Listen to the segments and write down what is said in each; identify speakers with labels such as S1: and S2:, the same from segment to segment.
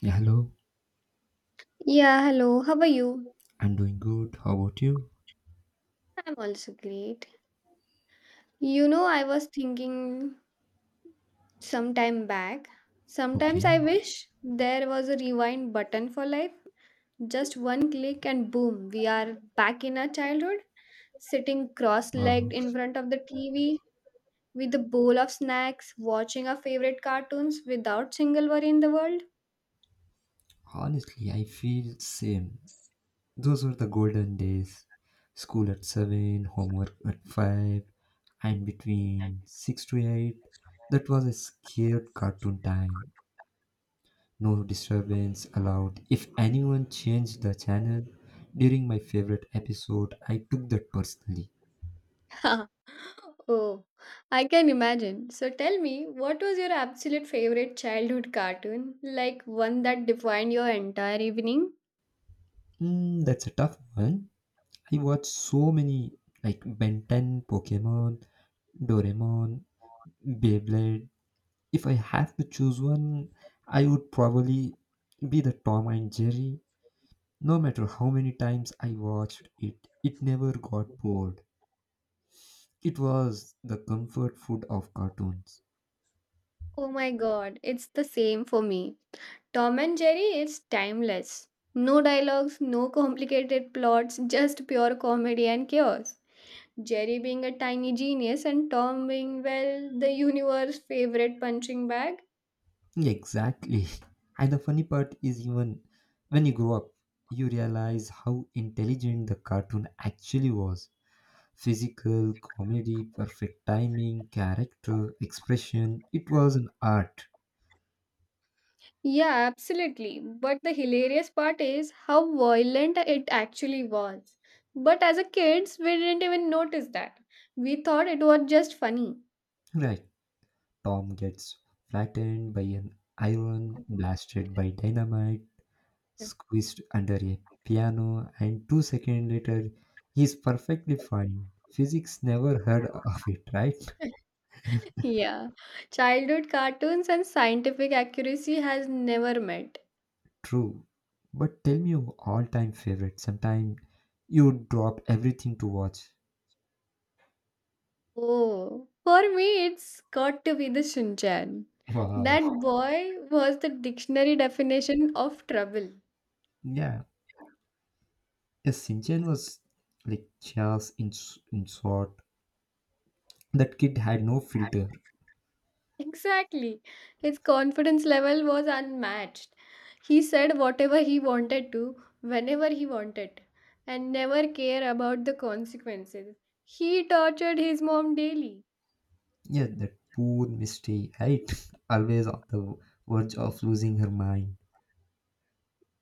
S1: Yeah, hello.
S2: Yeah, hello. How are you?
S1: I'm doing good. How about you?
S2: I'm also great. You know, I was thinking some time back. Sometimes
S1: Okay.
S2: I wish there was a rewind button for life. Just one click and boom, we are back in our childhood, sitting
S1: Uh,
S2: cross-legged in front of the TV with a bowl of snacks, watching our favorite cartoons without single worry in the world.
S1: Honestly, I feel same. Those were the golden days. School at 7, homework at 5, and between 6 to 8. That was a scared cartoon time. No disturbance allowed. If anyone changed the channel during my favorite episode, I took that personally.
S2: Oh, I can imagine. So tell me, what was your absolute favorite childhood cartoon? Like one that defined your entire evening?
S1: That's a tough one. I watched so many like Ben 10, Pokemon, Doraemon, Beyblade. If I have to choose one, I would probably be the Tom and Jerry. No matter how many times I watched it, it never got bored. It was the comfort food of cartoons.
S2: Oh my god, it's the same for me. Tom and Jerry is timeless. No dialogues, no complicated plots, just pure comedy and chaos. Jerry being a tiny genius and Tom being, well, the universe's favorite punching bag.
S1: Exactly. And the funny part is, even when you grow up, you realize how intelligent the cartoon actually was. Physical, comedy, perfect timing, character, expression, it was an art.
S2: Yeah, absolutely. But the hilarious part is how violent it actually was. But as a kids, we didn't even notice that. We thought it was just funny.
S1: Right. Tom gets flattened by an iron, blasted by dynamite, squished under a piano, and 2 seconds later, he's perfectly fine. Physics never heard of it, right?
S2: Yeah. Childhood cartoons and scientific accuracy has never met.
S1: True. But tell me your all time favorite. Sometime you drop everything to watch.
S2: Oh. For me, it's got to be the Shinchan.
S1: Wow.
S2: That boy was the dictionary definition of trouble.
S1: Yeah. Yes, Sinchen was like chaos in sort. That kid had no filter.
S2: Exactly. His confidence level was unmatched. He said whatever he wanted to, whenever he wanted, and never care about the consequences. He tortured his mom daily.
S1: Yeah, that poor Misty, right? Always on the verge of losing her mind.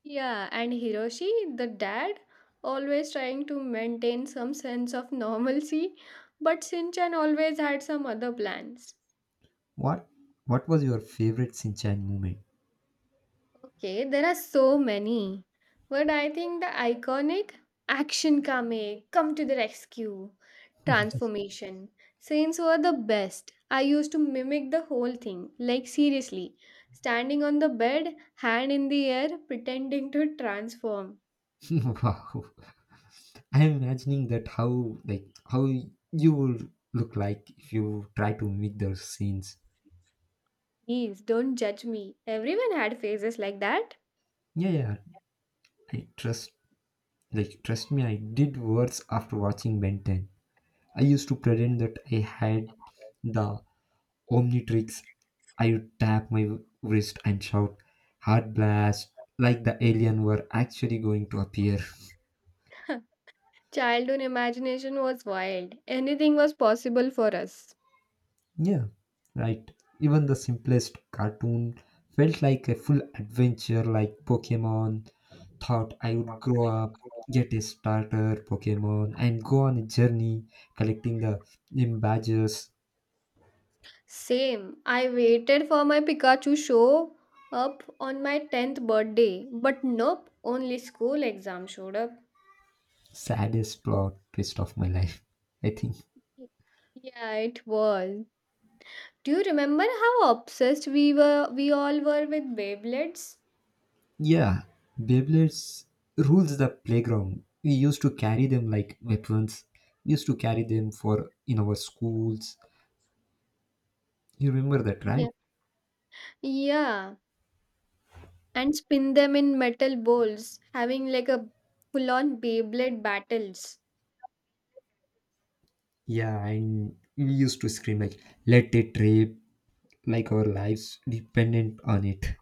S2: Yeah, and Hiroshi, the dad, always trying to maintain some sense of normalcy, but Shinchan always had some other plans.
S1: What what was your favorite Shinchan moment?
S2: Okay, there are so many. But I think the iconic action kame, come to the rescue, transformation scenes were the best. I used to mimic the whole thing, like seriously, standing on the bed, hand in the air, pretending to transform.
S1: Wow. I'm imagining that how you will look like if you try to make those scenes.
S2: Please don't judge me. Everyone had phases like that.
S1: Yeah, yeah. I trust like trust me, I did worse after watching Ben 10. I used to pretend that I had the Omnitrix. I would tap my wrist and shout, "Heart blast," like the alien were actually going to appear.
S2: Childhood imagination was wild. Anything was possible for us.
S1: Yeah, right. Even the simplest cartoon felt like a full adventure, like Pokemon. Thought I would grow up, get a starter Pokemon, and go on a journey collecting the M badges.
S2: Same. I waited for my Pikachu show up on my 10th birthday, but nope, only school exam showed up.
S1: Saddest plot twist of my life, I think.
S2: Yeah, it was. Do you remember how obsessed we were we all were with Beyblades?
S1: Yeah, Beyblades rules the playground. We used to carry them like weapons. We used to carry them for in our schools. You remember that, right?
S2: Yeah. Yeah, and spin them in metal bowls, having like a full-on Beyblade battles.
S1: Yeah, and we used to scream like "Let it rip!" like our lives dependent on it.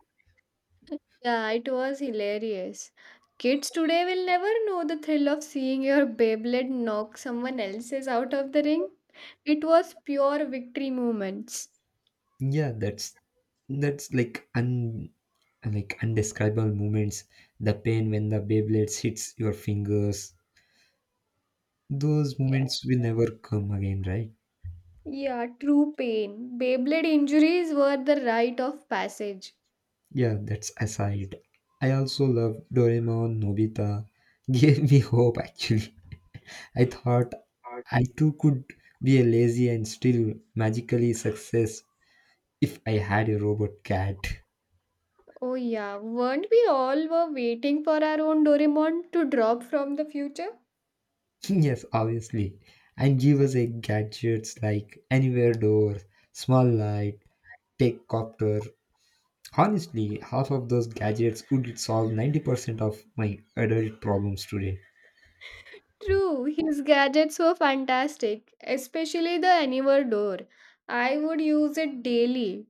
S2: Yeah, it was hilarious. Kids today will never know the thrill of seeing your Beyblade knock someone else's out of the ring. It was pure victory moments.
S1: Yeah, that's like un like undescribable moments. The pain when the Beyblades hits your fingers. Those
S2: Yeah.
S1: moments will never come again, right?
S2: Yeah, true pain. Beyblade injuries were the rite of passage.
S1: Yeah, that's aside. I also love Doraemon, Nobita. Gave me hope actually. I thought I too could be a lazy and still magically success if I had a robot cat.
S2: Oh, yeah, weren't we all were waiting for our own Doraemon to drop from the future?
S1: Yes, obviously. And give us a gadgets like anywhere door, small light, take copter. Honestly, half of those gadgets could solve 90% of my adult problems today.
S2: True, his gadgets were fantastic, especially the Anywhere door. I would use it daily.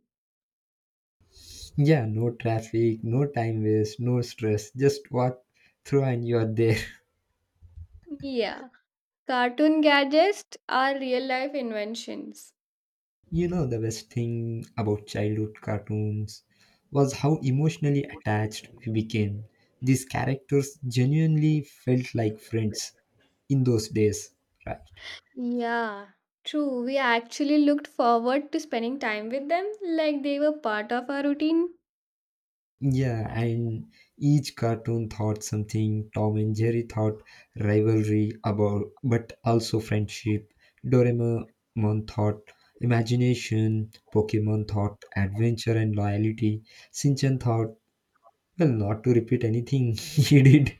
S1: Yeah, no traffic, no time waste, no stress. Just walk through and you're there.
S2: Yeah. Cartoon gadgets are real life inventions.
S1: You know, the best thing about childhood cartoons was how emotionally attached we became. These characters genuinely felt like friends in those days, right?
S2: Yeah, true. We actually looked forward to spending time with them like they were part of our routine.
S1: Yeah, and each cartoon thought something. Tom and Jerry thought rivalry about, but also friendship. Doraemon thought imagination. Pokemon thought adventure and loyalty. Shinchan thought, well, not to repeat anything he did.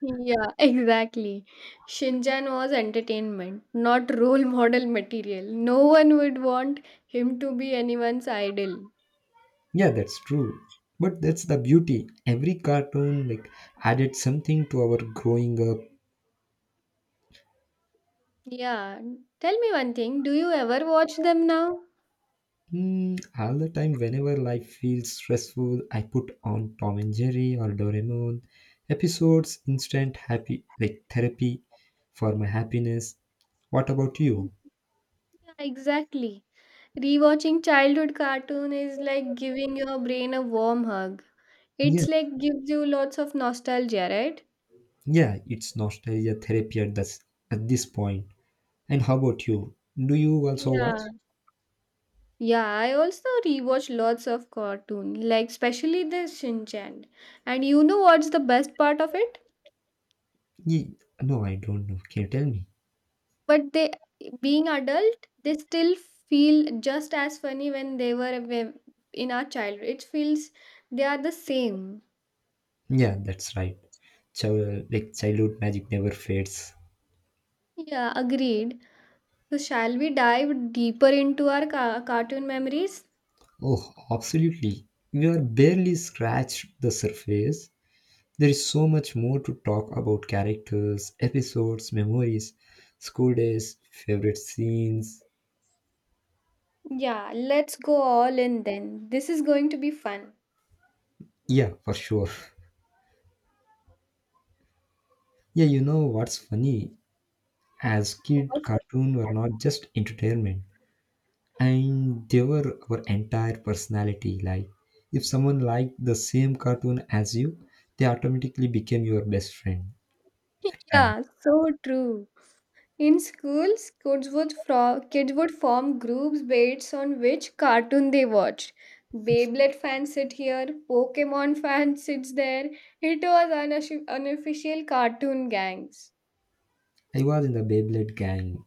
S2: Yeah, exactly. Shinjan was entertainment, not role model material. No one would want him to be anyone's idol.
S1: Yeah, that's true. But that's the beauty. Every cartoon like added something to our growing up.
S2: Yeah, tell me one thing, do you ever watch them now?
S1: Hmm. All the time, whenever life feels stressful, I put on Tom and Jerry or Doraemon episodes, instant happy, like therapy for my happiness. What about you?
S2: Yeah, exactly. Rewatching childhood cartoon is like giving your brain a warm hug.
S1: Yeah,
S2: It's like gives you lots of nostalgia, right?
S1: yeah, it's nostalgia therapy at this point. And how about you? Do you also watch?
S2: Yeah. Yeah, I also rewatch lots of cartoon, like especially the Shinchan. And you know what's the best part of it?
S1: No, I don't know. Can you tell me?
S2: But they being adult, they still feel just as funny when they were when- in our childhood. It feels they are the same.
S1: Yeah, that's right. Childhood magic never fades.
S2: Yeah, agreed. So shall we dive deeper into our cartoon memories?
S1: Oh, absolutely. We are barely scratched the surface. There is so much more to talk about characters, episodes, memories, school days, favorite scenes.
S2: Yeah, let's go all in then. This is going to be fun.
S1: Yeah, for sure. Yeah, you know what's funny? As kid, cartoon were not just entertainment, and they were our entire personality. Like, if someone liked the same cartoon as you, they automatically became your best friend. Time.
S2: Yeah, so true. In schools, kids would form groups based on which cartoon they watched. Beyblade fans sit here, Pokemon fan sits there. It was unofficial cartoon gangs.
S1: I was in the Beyblade gang,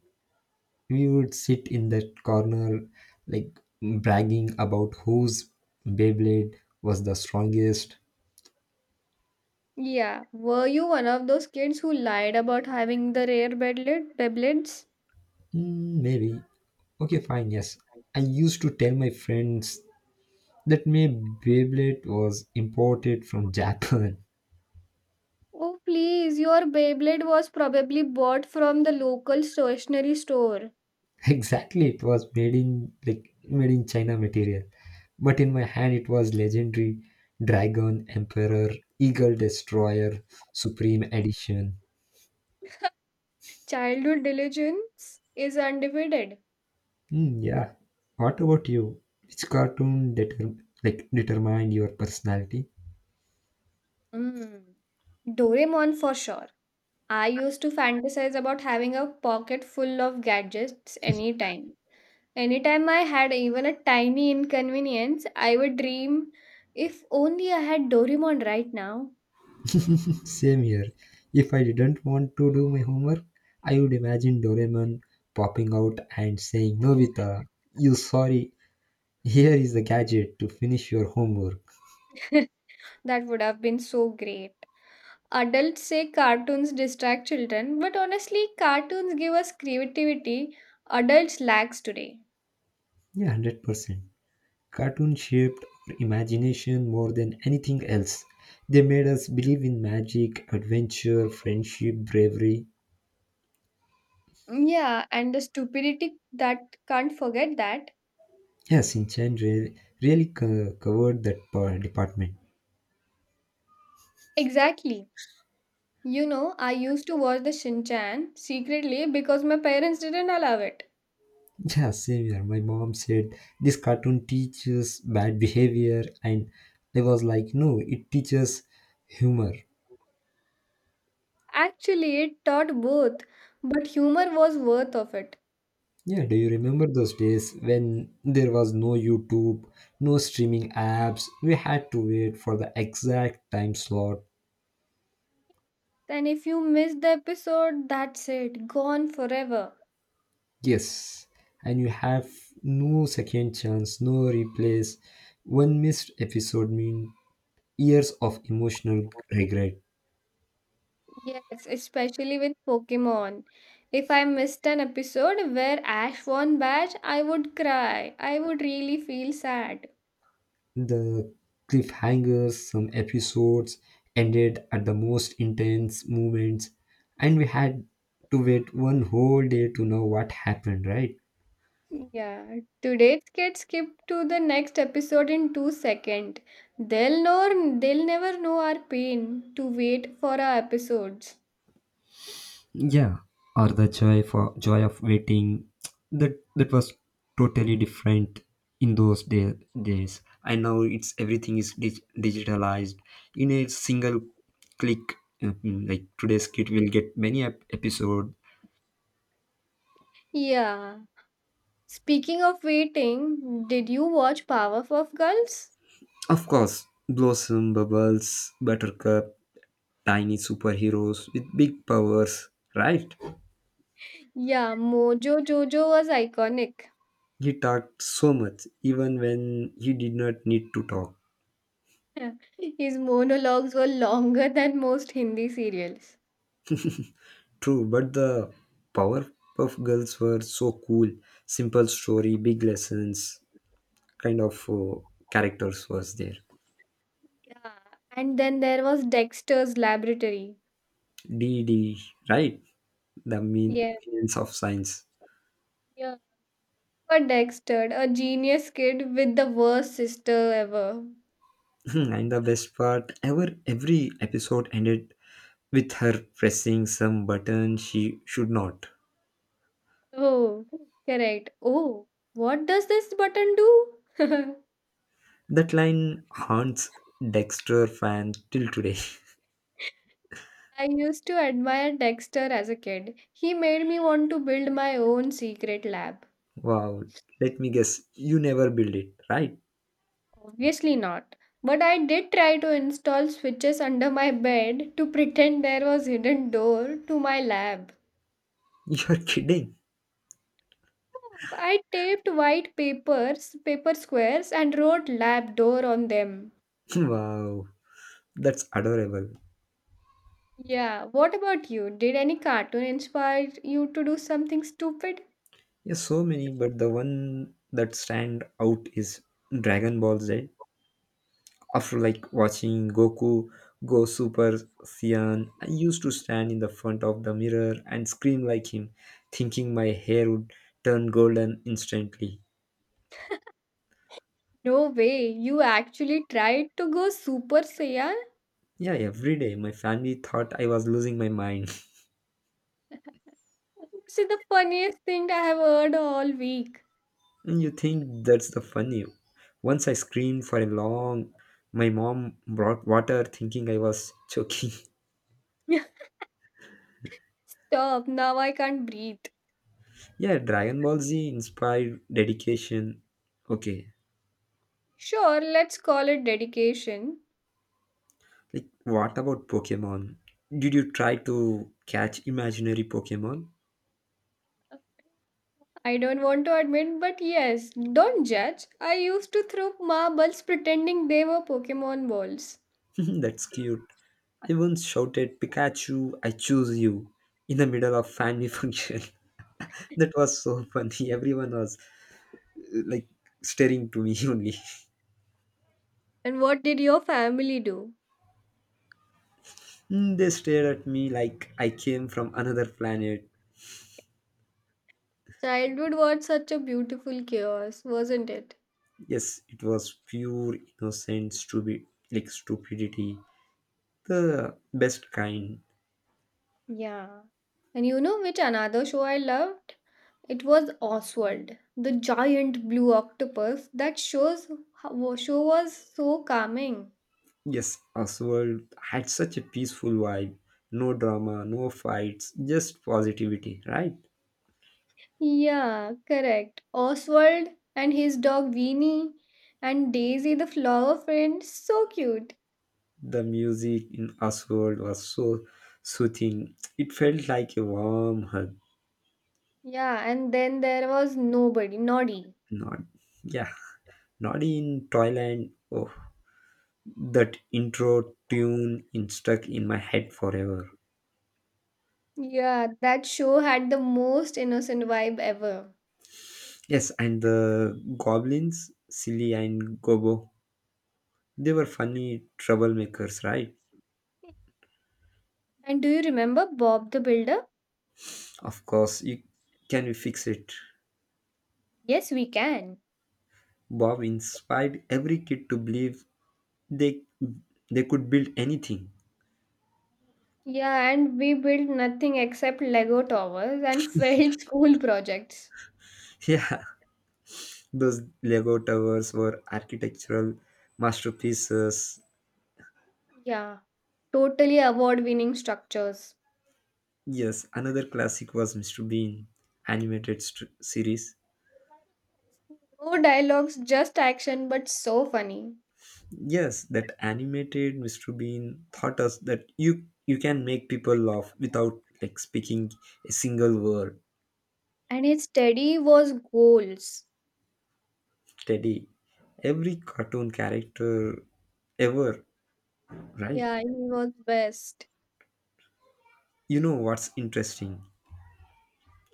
S1: we would sit in that corner, like bragging about whose Beyblade was the strongest.
S2: Yeah, were you one of those kids who lied about having the rare Beyblades?
S1: Mm, maybe. Okay, fine, yes. I used to tell my friends that my Beyblade was imported from Japan.
S2: Oh, please, your Beyblade was probably bought from the local stationery store.
S1: Exactly, it was made in China material. But in my hand it was legendary Dragon Emperor Eagle Destroyer Supreme Edition.
S2: Childhood diligence is undefeated.
S1: Mm, yeah. What about you? Which cartoon determined your personality?
S2: Mm. Doraemon for sure. I used to fantasize about having a pocket full of gadgets anytime. Anytime I had even a tiny inconvenience, I would dream if only I had Doraemon right now.
S1: Same here. If I didn't want to do my homework, I would imagine Doraemon popping out and saying, "Novita, you sorry. Here is the gadget to finish your homework."
S2: That would have been so great. Adults say cartoons distract children, but honestly, cartoons give us creativity adults lacks today.
S1: Yeah, 100%. Cartoon shaped our imagination more than anything else. They made us believe in magic, adventure, friendship, bravery.
S2: Yeah, and the stupidity that can't forget that.
S1: Yeah, Sinchan really covered that department.
S2: Exactly. You know, I used to watch the Shinchan secretly because my parents didn't allow it.
S1: Yeah, same here. My mom said this cartoon teaches bad behavior, and I was like, no, it teaches humor.
S2: Actually, it taught both, but humor was worth of it.
S1: Yeah, do you remember those days when there was no YouTube, no streaming apps? We had to wait for the exact time slot.
S2: And if you miss the episode, that's it, gone forever.
S1: Yes, and you have no second chance, no replays. One missed episode mean years of emotional regret.
S2: Yes, especially with Pokemon. If I missed an episode where Ash won badge, I would cry. I would really feel sad.
S1: The cliffhangers. Some episodes ended at the most intense moments, and we had to wait one whole day to know what happened, right?
S2: Yeah, today's kids skip to the next episode in 2 seconds. They'll never know our pain to wait for our episodes.
S1: Yeah, or the joy of waiting. That was totally different in those days. I know it's everything is digitalized in a single click. Mhm. Like today's kid will get many episode.
S2: Yeah. Speaking of waiting, did you watch Powerpuff Girls?
S1: Of course, Blossom, Bubbles, Buttercup. Tiny superheroes with big powers, right?
S2: Yeah, Mojo Jojo was iconic.
S1: He talked so much, even when he did not need to talk.
S2: His monologues were longer than most Hindi serials.
S1: True, but the Powerpuff Girls were so cool. Simple story, big lessons, kind of characters was there.
S2: Yeah. And then there was Dexter's Laboratory.
S1: D D, right? The mean
S2: Yeah.
S1: means of science.
S2: Yeah. For Dexter, a genius kid with the worst sister ever.
S1: And the best part ever, every episode ended with her pressing some button she should not.
S2: Oh, correct. Oh, what does this button do?
S1: That line haunts Dexter fans till today.
S2: I used to admire Dexter as a kid. He made me want to build my own secret lab.
S1: Wow, let me guess, you never build it, right?
S2: Obviously not. But I did try to install switches under my bed to pretend there was hidden door to my lab.
S1: You're kidding.
S2: I taped white papers, paper squares and wrote lab door on them.
S1: Wow, that's adorable.
S2: Yeah, what about you? Did any cartoon inspire you to do something stupid?
S1: Yeah, so many, but the one that stand out is Dragon Ball Z. After like watching Goku go Super Saiyan, I used to stand in the front of the mirror and scream like him, thinking my hair would turn golden instantly.
S2: No way, you actually tried to go Super Saiyan?
S1: Yeah, every day my family thought I was losing my mind.
S2: This is the funniest thing that I have heard all week.
S1: And you think that's the funny? Once I screamed for a long. My mom brought water, thinking I was choking.
S2: Stop, now I can't breathe.
S1: Yeah, Dragon Ball Z inspired dedication. Okay,
S2: Sure, let's call it dedication.
S1: like what about Pokemon? Did you try to catch imaginary Pokemon?
S2: I don't want to admit, but yes, don't judge. I used to throw marbles pretending they were Pokemon balls.
S1: That's cute. I once shouted, "Pikachu, I choose you!" in the middle of family function. That was so funny. Everyone was like staring to me only.
S2: And what did your family do?
S1: Mm, they stared at me like I came from another planet.
S2: Childhood was such a beautiful chaos, wasn't it?
S1: Yes, it was pure innocent stupid, like stupidity, the best kind.
S2: Yeah. And you know which another show I loved? It was Oswald, the giant blue octopus. That show was so calming.
S1: Yes, Oswald had such a peaceful vibe. No drama, no fights, just positivity, right?
S2: Yeah, correct. Oswald and his dog Weenie and Daisy the flower friend, so cute.
S1: The music in Oswald was so soothing. It felt like a warm hug.
S2: Yeah, and then there was nobody, Noddy.
S1: Not, yeah, not in Thailand. Oh, that intro tune in stuck in my head forever.
S2: Yeah, that show had the most innocent vibe ever.
S1: Yes, and the goblins, Silly and Gobo, they were funny troublemakers, right?
S2: And do you remember Bob the Builder?
S1: Of course, you can you fix it.
S2: Yes, we can.
S1: Bob inspired every kid to believe they they could build anything.
S2: Yeah, and we built nothing except Lego towers and failed school projects.
S1: Yeah, those Lego towers were architectural masterpieces.
S2: Yeah, totally award winning structures.
S1: Yes, another classic was Mr. Bean animated series.
S2: No dialogues, just action, but so funny.
S1: Yes, that animated Mr. Bean taught us that you can make people laugh without like speaking a single word.
S2: And his steady was goals.
S1: Teddy, every cartoon character ever, right?
S2: Yeah, he was best.
S1: You know what's interesting?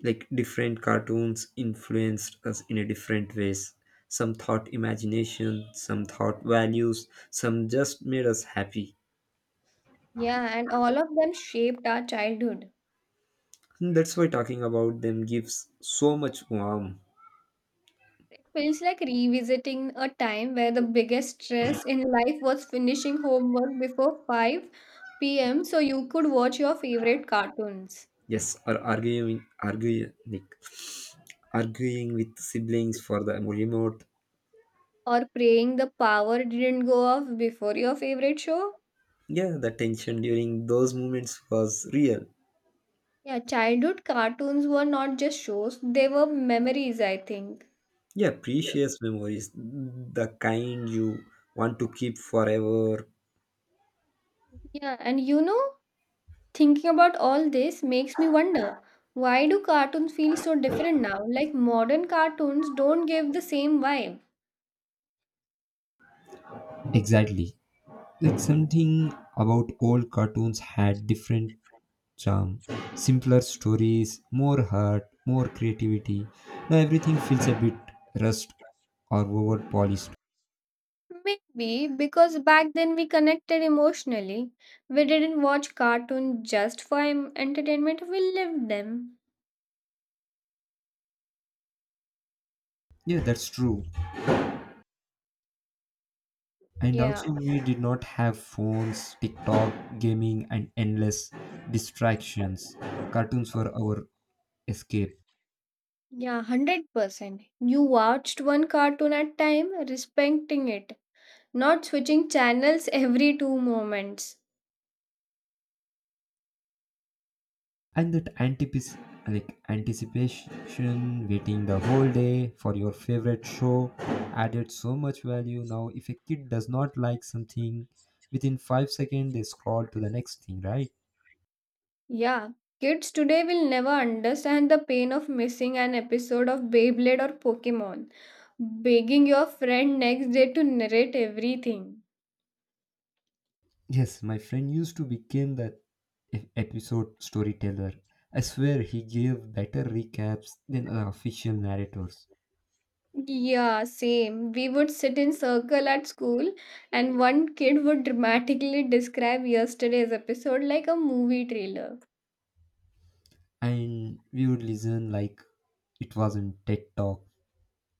S1: Like different cartoons influenced us in a different ways. Some thought imagination, some thought values, some just made us happy.
S2: Yeah, and all of them shaped our childhood.
S1: Hmm, that's why talking about them gives so much warmth.
S2: It feels like revisiting a time where the biggest stress in life was finishing homework before 5 p.m. so you could watch your favorite cartoons.
S1: Yes, or arguing with siblings for the remote.
S2: Or praying the power didn't go off before your favorite show?
S1: Yeah, the tension during those moments was real.
S2: Yeah, childhood cartoons were not just shows, they were memories, I think.
S1: Yeah, precious memories, the kind you want to keep forever.
S2: Yeah, and you know, thinking about all this makes me wonder why do cartoons feel so different now? Like modern cartoons don't give the same vibe.
S1: Exactly. Like something about old cartoons had different charm, simpler stories, more heart, more creativity. Now everything feels a bit rushed or over polished.
S2: Maybe because back then we connected emotionally. We didn't watch cartoons just for entertainment, we lived them.
S1: Yeah, that's true. And
S2: Yeah.
S1: also we did not have phones, tiktok, gaming, and endless distractions. Cartoons were our escape.
S2: Yeah, 100%. You watched one cartoon at time, respecting it, not switching channels every two moments.
S1: And that anticipation, waiting the whole day for your favorite show, added so much value. Now if a kid does not like something within 5 seconds, they scroll to the next thing, right?
S2: Yeah, kids today will never understand the pain of missing an episode of Beyblade or Pokemon, begging your friend next day to narrate everything.
S1: Yes, my friend used to become that episode storyteller. I swear he gave better recaps than the official narrators.
S2: Yeah, same. We would sit in circle at school and one kid would dramatically describe yesterday's episode like a movie trailer.
S1: And we would listen like it wasn't TED Talk.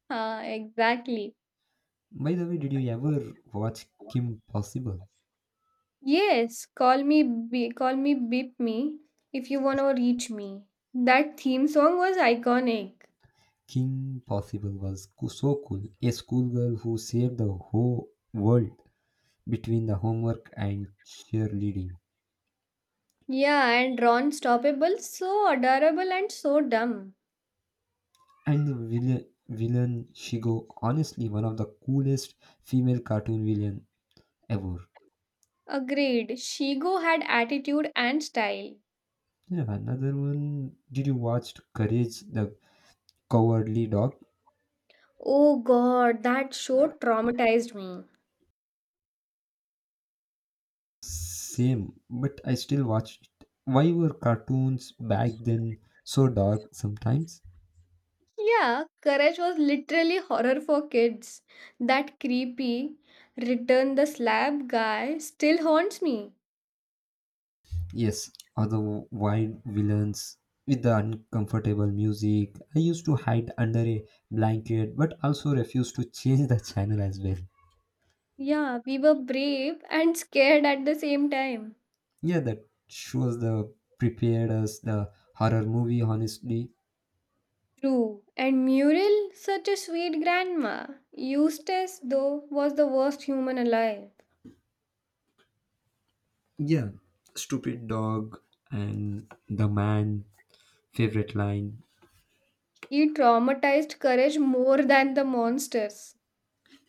S2: Ah, exactly.
S1: By the way, did you ever watch Kim Possible?
S2: Yes, call me beep me if you wanna reach me. That theme song was iconic.
S1: Kim Possible was so cool. A schoolgirl who saved the whole world between the homework and cheerleading.
S2: Yeah, and Ron stoppable, so adorable and so dumb.
S1: And the villain Shigo, honestly, one of the coolest female cartoon villain ever.
S2: Agreed. Shigo had attitude and style.
S1: Yeah, another one. Did you watch Courage the Cowardly Dog?
S2: Oh god, that show traumatized me.
S1: Same, but I still watch it. Why were cartoons back then so dark sometimes?
S2: Yeah, Courage was literally horror for kids. That creepy return the slab guy still haunts me.
S1: Yes, or the wild villains with the uncomfortable music. I used to hide under a blanket, but also refused to change the channel as well.
S2: Yeah, we were brave and scared at the same time.
S1: Yeah, that shows the prepared us the horror movie. Honestly,
S2: True, and Muriel, such a sweet grandma. Eustace, though, was the worst human alive.
S1: yeah, stupid dog and the man favorite line.
S2: He traumatized courage more than the monsters.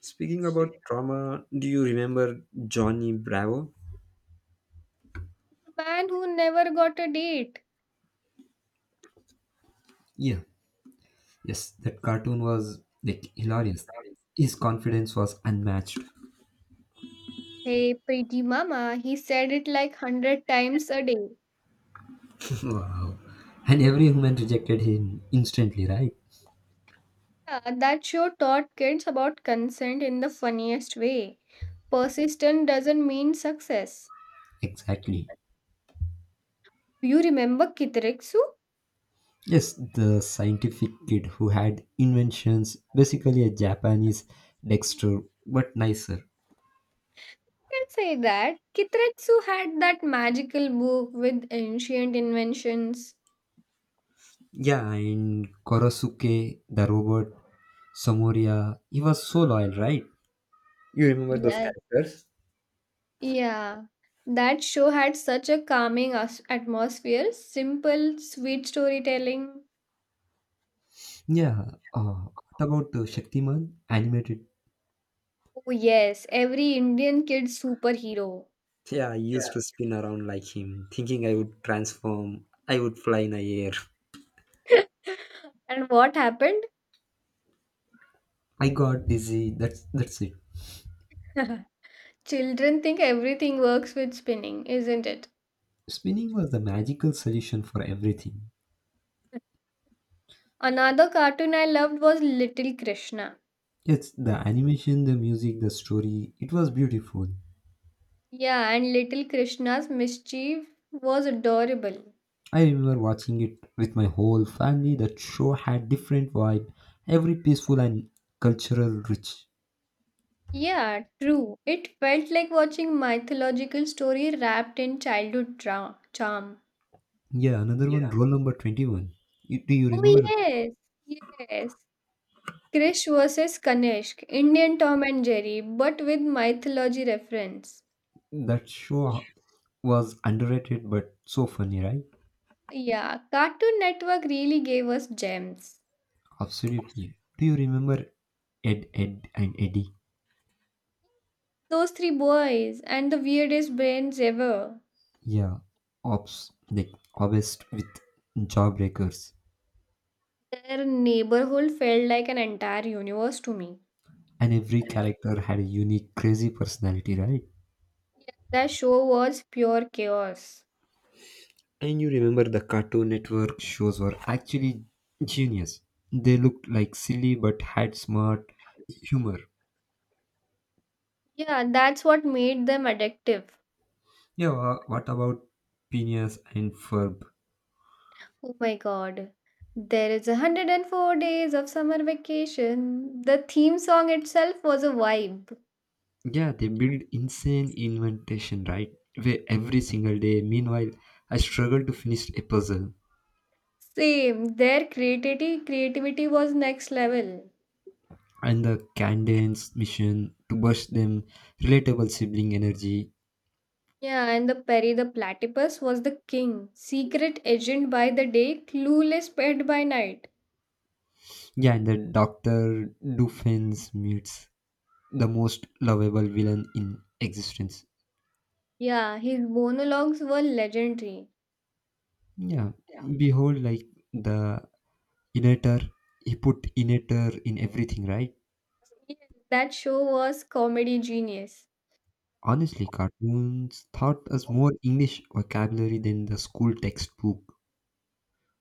S1: Speaking about trauma, do you remember Johnny Bravo?
S2: The man who never got a date.
S1: Yeah, yes, that cartoon was like hilarious. His confidence was unmatched.
S2: Hey, pretty mama, he said it like 100 times a day.
S1: Wow. And every human rejected him instantly, right?
S2: Yeah, that show taught kids about consent in the funniest way. Persistence doesn't mean success.
S1: Exactly.
S2: Do you remember Kitreksu?
S1: Yes, the scientific kid who had inventions, basically a Japanese Dexter, but nicer.
S2: Can say that Kitretsu had that magical book with ancient inventions.
S1: Yeah, and Korosuke, the robot, Samuria, he was so loyal, right? You remember those
S2: Yes.
S1: characters?
S2: Yeah, that show had such a calming atmosphere, simple, sweet storytelling.
S1: Yeah. Uh, what about the Shaktiman animated?
S2: Oh, yes, every Indian kid's superhero.
S1: Yeah, I used to spin around like him, thinking I would transform, I would fly in the air.
S2: And what happened?
S1: I got dizzy. That's it.
S2: Children think everything works with spinning, isn't it?
S1: Spinning was the magical solution for everything.
S2: Another cartoon I loved was Little Krishna.
S1: It's the animation, the music, the story. It was beautiful.
S2: Yeah, and Little Krishna's mischief was adorable.
S1: I remember watching it with my whole family. That show had different vibe, every peaceful and cultural rich.
S2: Yeah, true. It felt like watching mythological story wrapped in childhood charm.
S1: Yeah, another one, roll number 21. Do you
S2: Oh
S1: remember.
S2: yes, yes. Krish versus Kanishk, Indian Tom and Jerry, but with mythology reference.
S1: That show was underrated but so funny, right?
S2: Yeah, Cartoon Network really gave us gems.
S1: Absolutely. Do you remember Ed, Ed, and Eddie?
S2: Those three boys and the weirdest brains ever.
S1: Yeah, ops, like obsessed with jawbreakers,
S2: Their neighborhood felt like an entire universe to me.
S1: and every character had a unique, crazy personality, right?
S2: That show was pure chaos.
S1: And you remember the Cartoon Network shows were actually genius. They looked like silly but had smart humor.
S2: Yeah, that's what made them addictive.
S1: Yeah, what about Phineas and Ferb?
S2: Oh my god. There is 104 days of summer vacation. The theme song itself was a vibe.
S1: Yeah, they build insane inventation, right? Where every single day. Meanwhile, I struggle to finish a puzzle.
S2: Same, their creativity was next level.
S1: And the Candance mission to burst them, relatable sibling energy.
S2: Yeah, and the Perry the Platypus was the king. Secret agent by the day, clueless pet by night.
S1: Yeah, and the Doctor Doofens meets the most lovable villain in existence.
S2: Yeah, his monologues were legendary.
S1: Yeah, behold, like the innator, he put innator in everything, right?
S2: Yes, that show was comedy genius.
S1: Honestly, cartoons taught us more English vocabulary than the school textbook.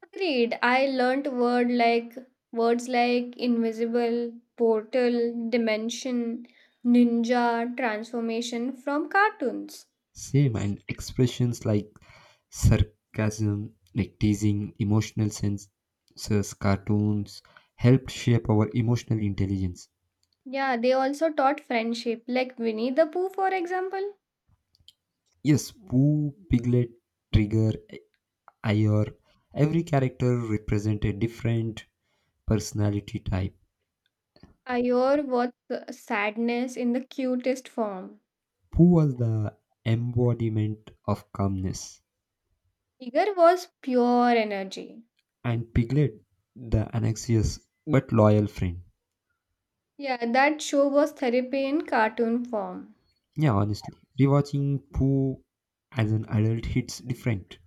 S2: Agreed. I learnt words like invisible, portal, dimension, ninja, transformation from cartoons.
S1: Same, and expressions like sarcasm, like teasing, emotional censors, cartoons helped shape our emotional intelligence.
S2: Yeah, they also taught friendship, like Winnie the Pooh, for example.
S1: Yes, Pooh, Piglet, Trigger, Iyer, every character represents a different personality type.
S2: Ayur was sadness in the cutest form.
S1: Pooh was the embodiment of calmness,
S2: Tiger was pure energy.
S1: and Piglet, the anxious but loyal friend.
S2: Yeah, that show was therapy in cartoon form.
S1: Yeah, honestly, rewatching Pooh as an adult hits different.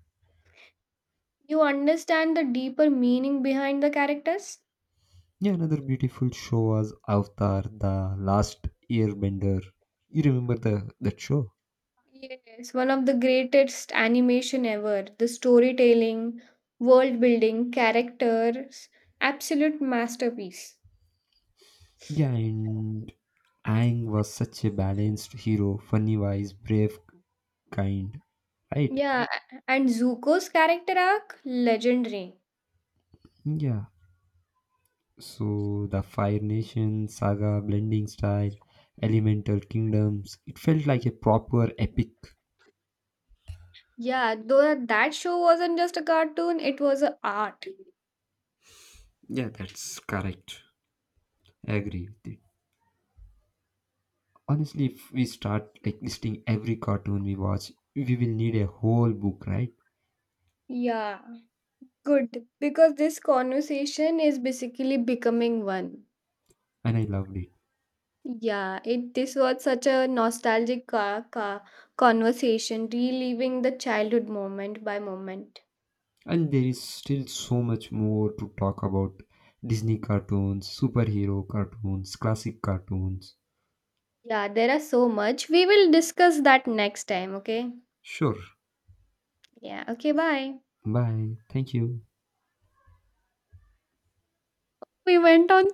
S2: You understand the deeper meaning behind the characters?
S1: Yeah, another beautiful show was Avatar, the Last Airbender. You remember the that show?
S2: Yes, one of the greatest animation ever. The storytelling, world building, characters, absolute masterpiece.
S1: Yeah, and Aang was such a balanced hero, funny, wise, brave, kind, right?
S2: Yeah, and Zuko's character arc, legendary.
S1: Yeah. So the Fire Nation saga, blending style, elemental kingdoms, it felt like a proper epic.
S2: Yeah, though that show wasn't just a cartoon, it was a art.
S1: Yeah, that's correct. I agree with it. Honestly, if we start like listing every cartoon we watch, we will need a whole book, right?
S2: Yeah, good. Because this conversation is basically becoming one.
S1: And I loved it.
S2: Yeah, it this was such a nostalgic conversation, reliving the childhood moment by moment.
S1: And there is still so much more to talk about Disney cartoons, superhero cartoons, classic cartoons.
S2: Yeah, there are so much. We will discuss that next time, okay?
S1: Sure.
S2: Yeah, okay, bye.
S1: Bye. Thank you.
S2: We went on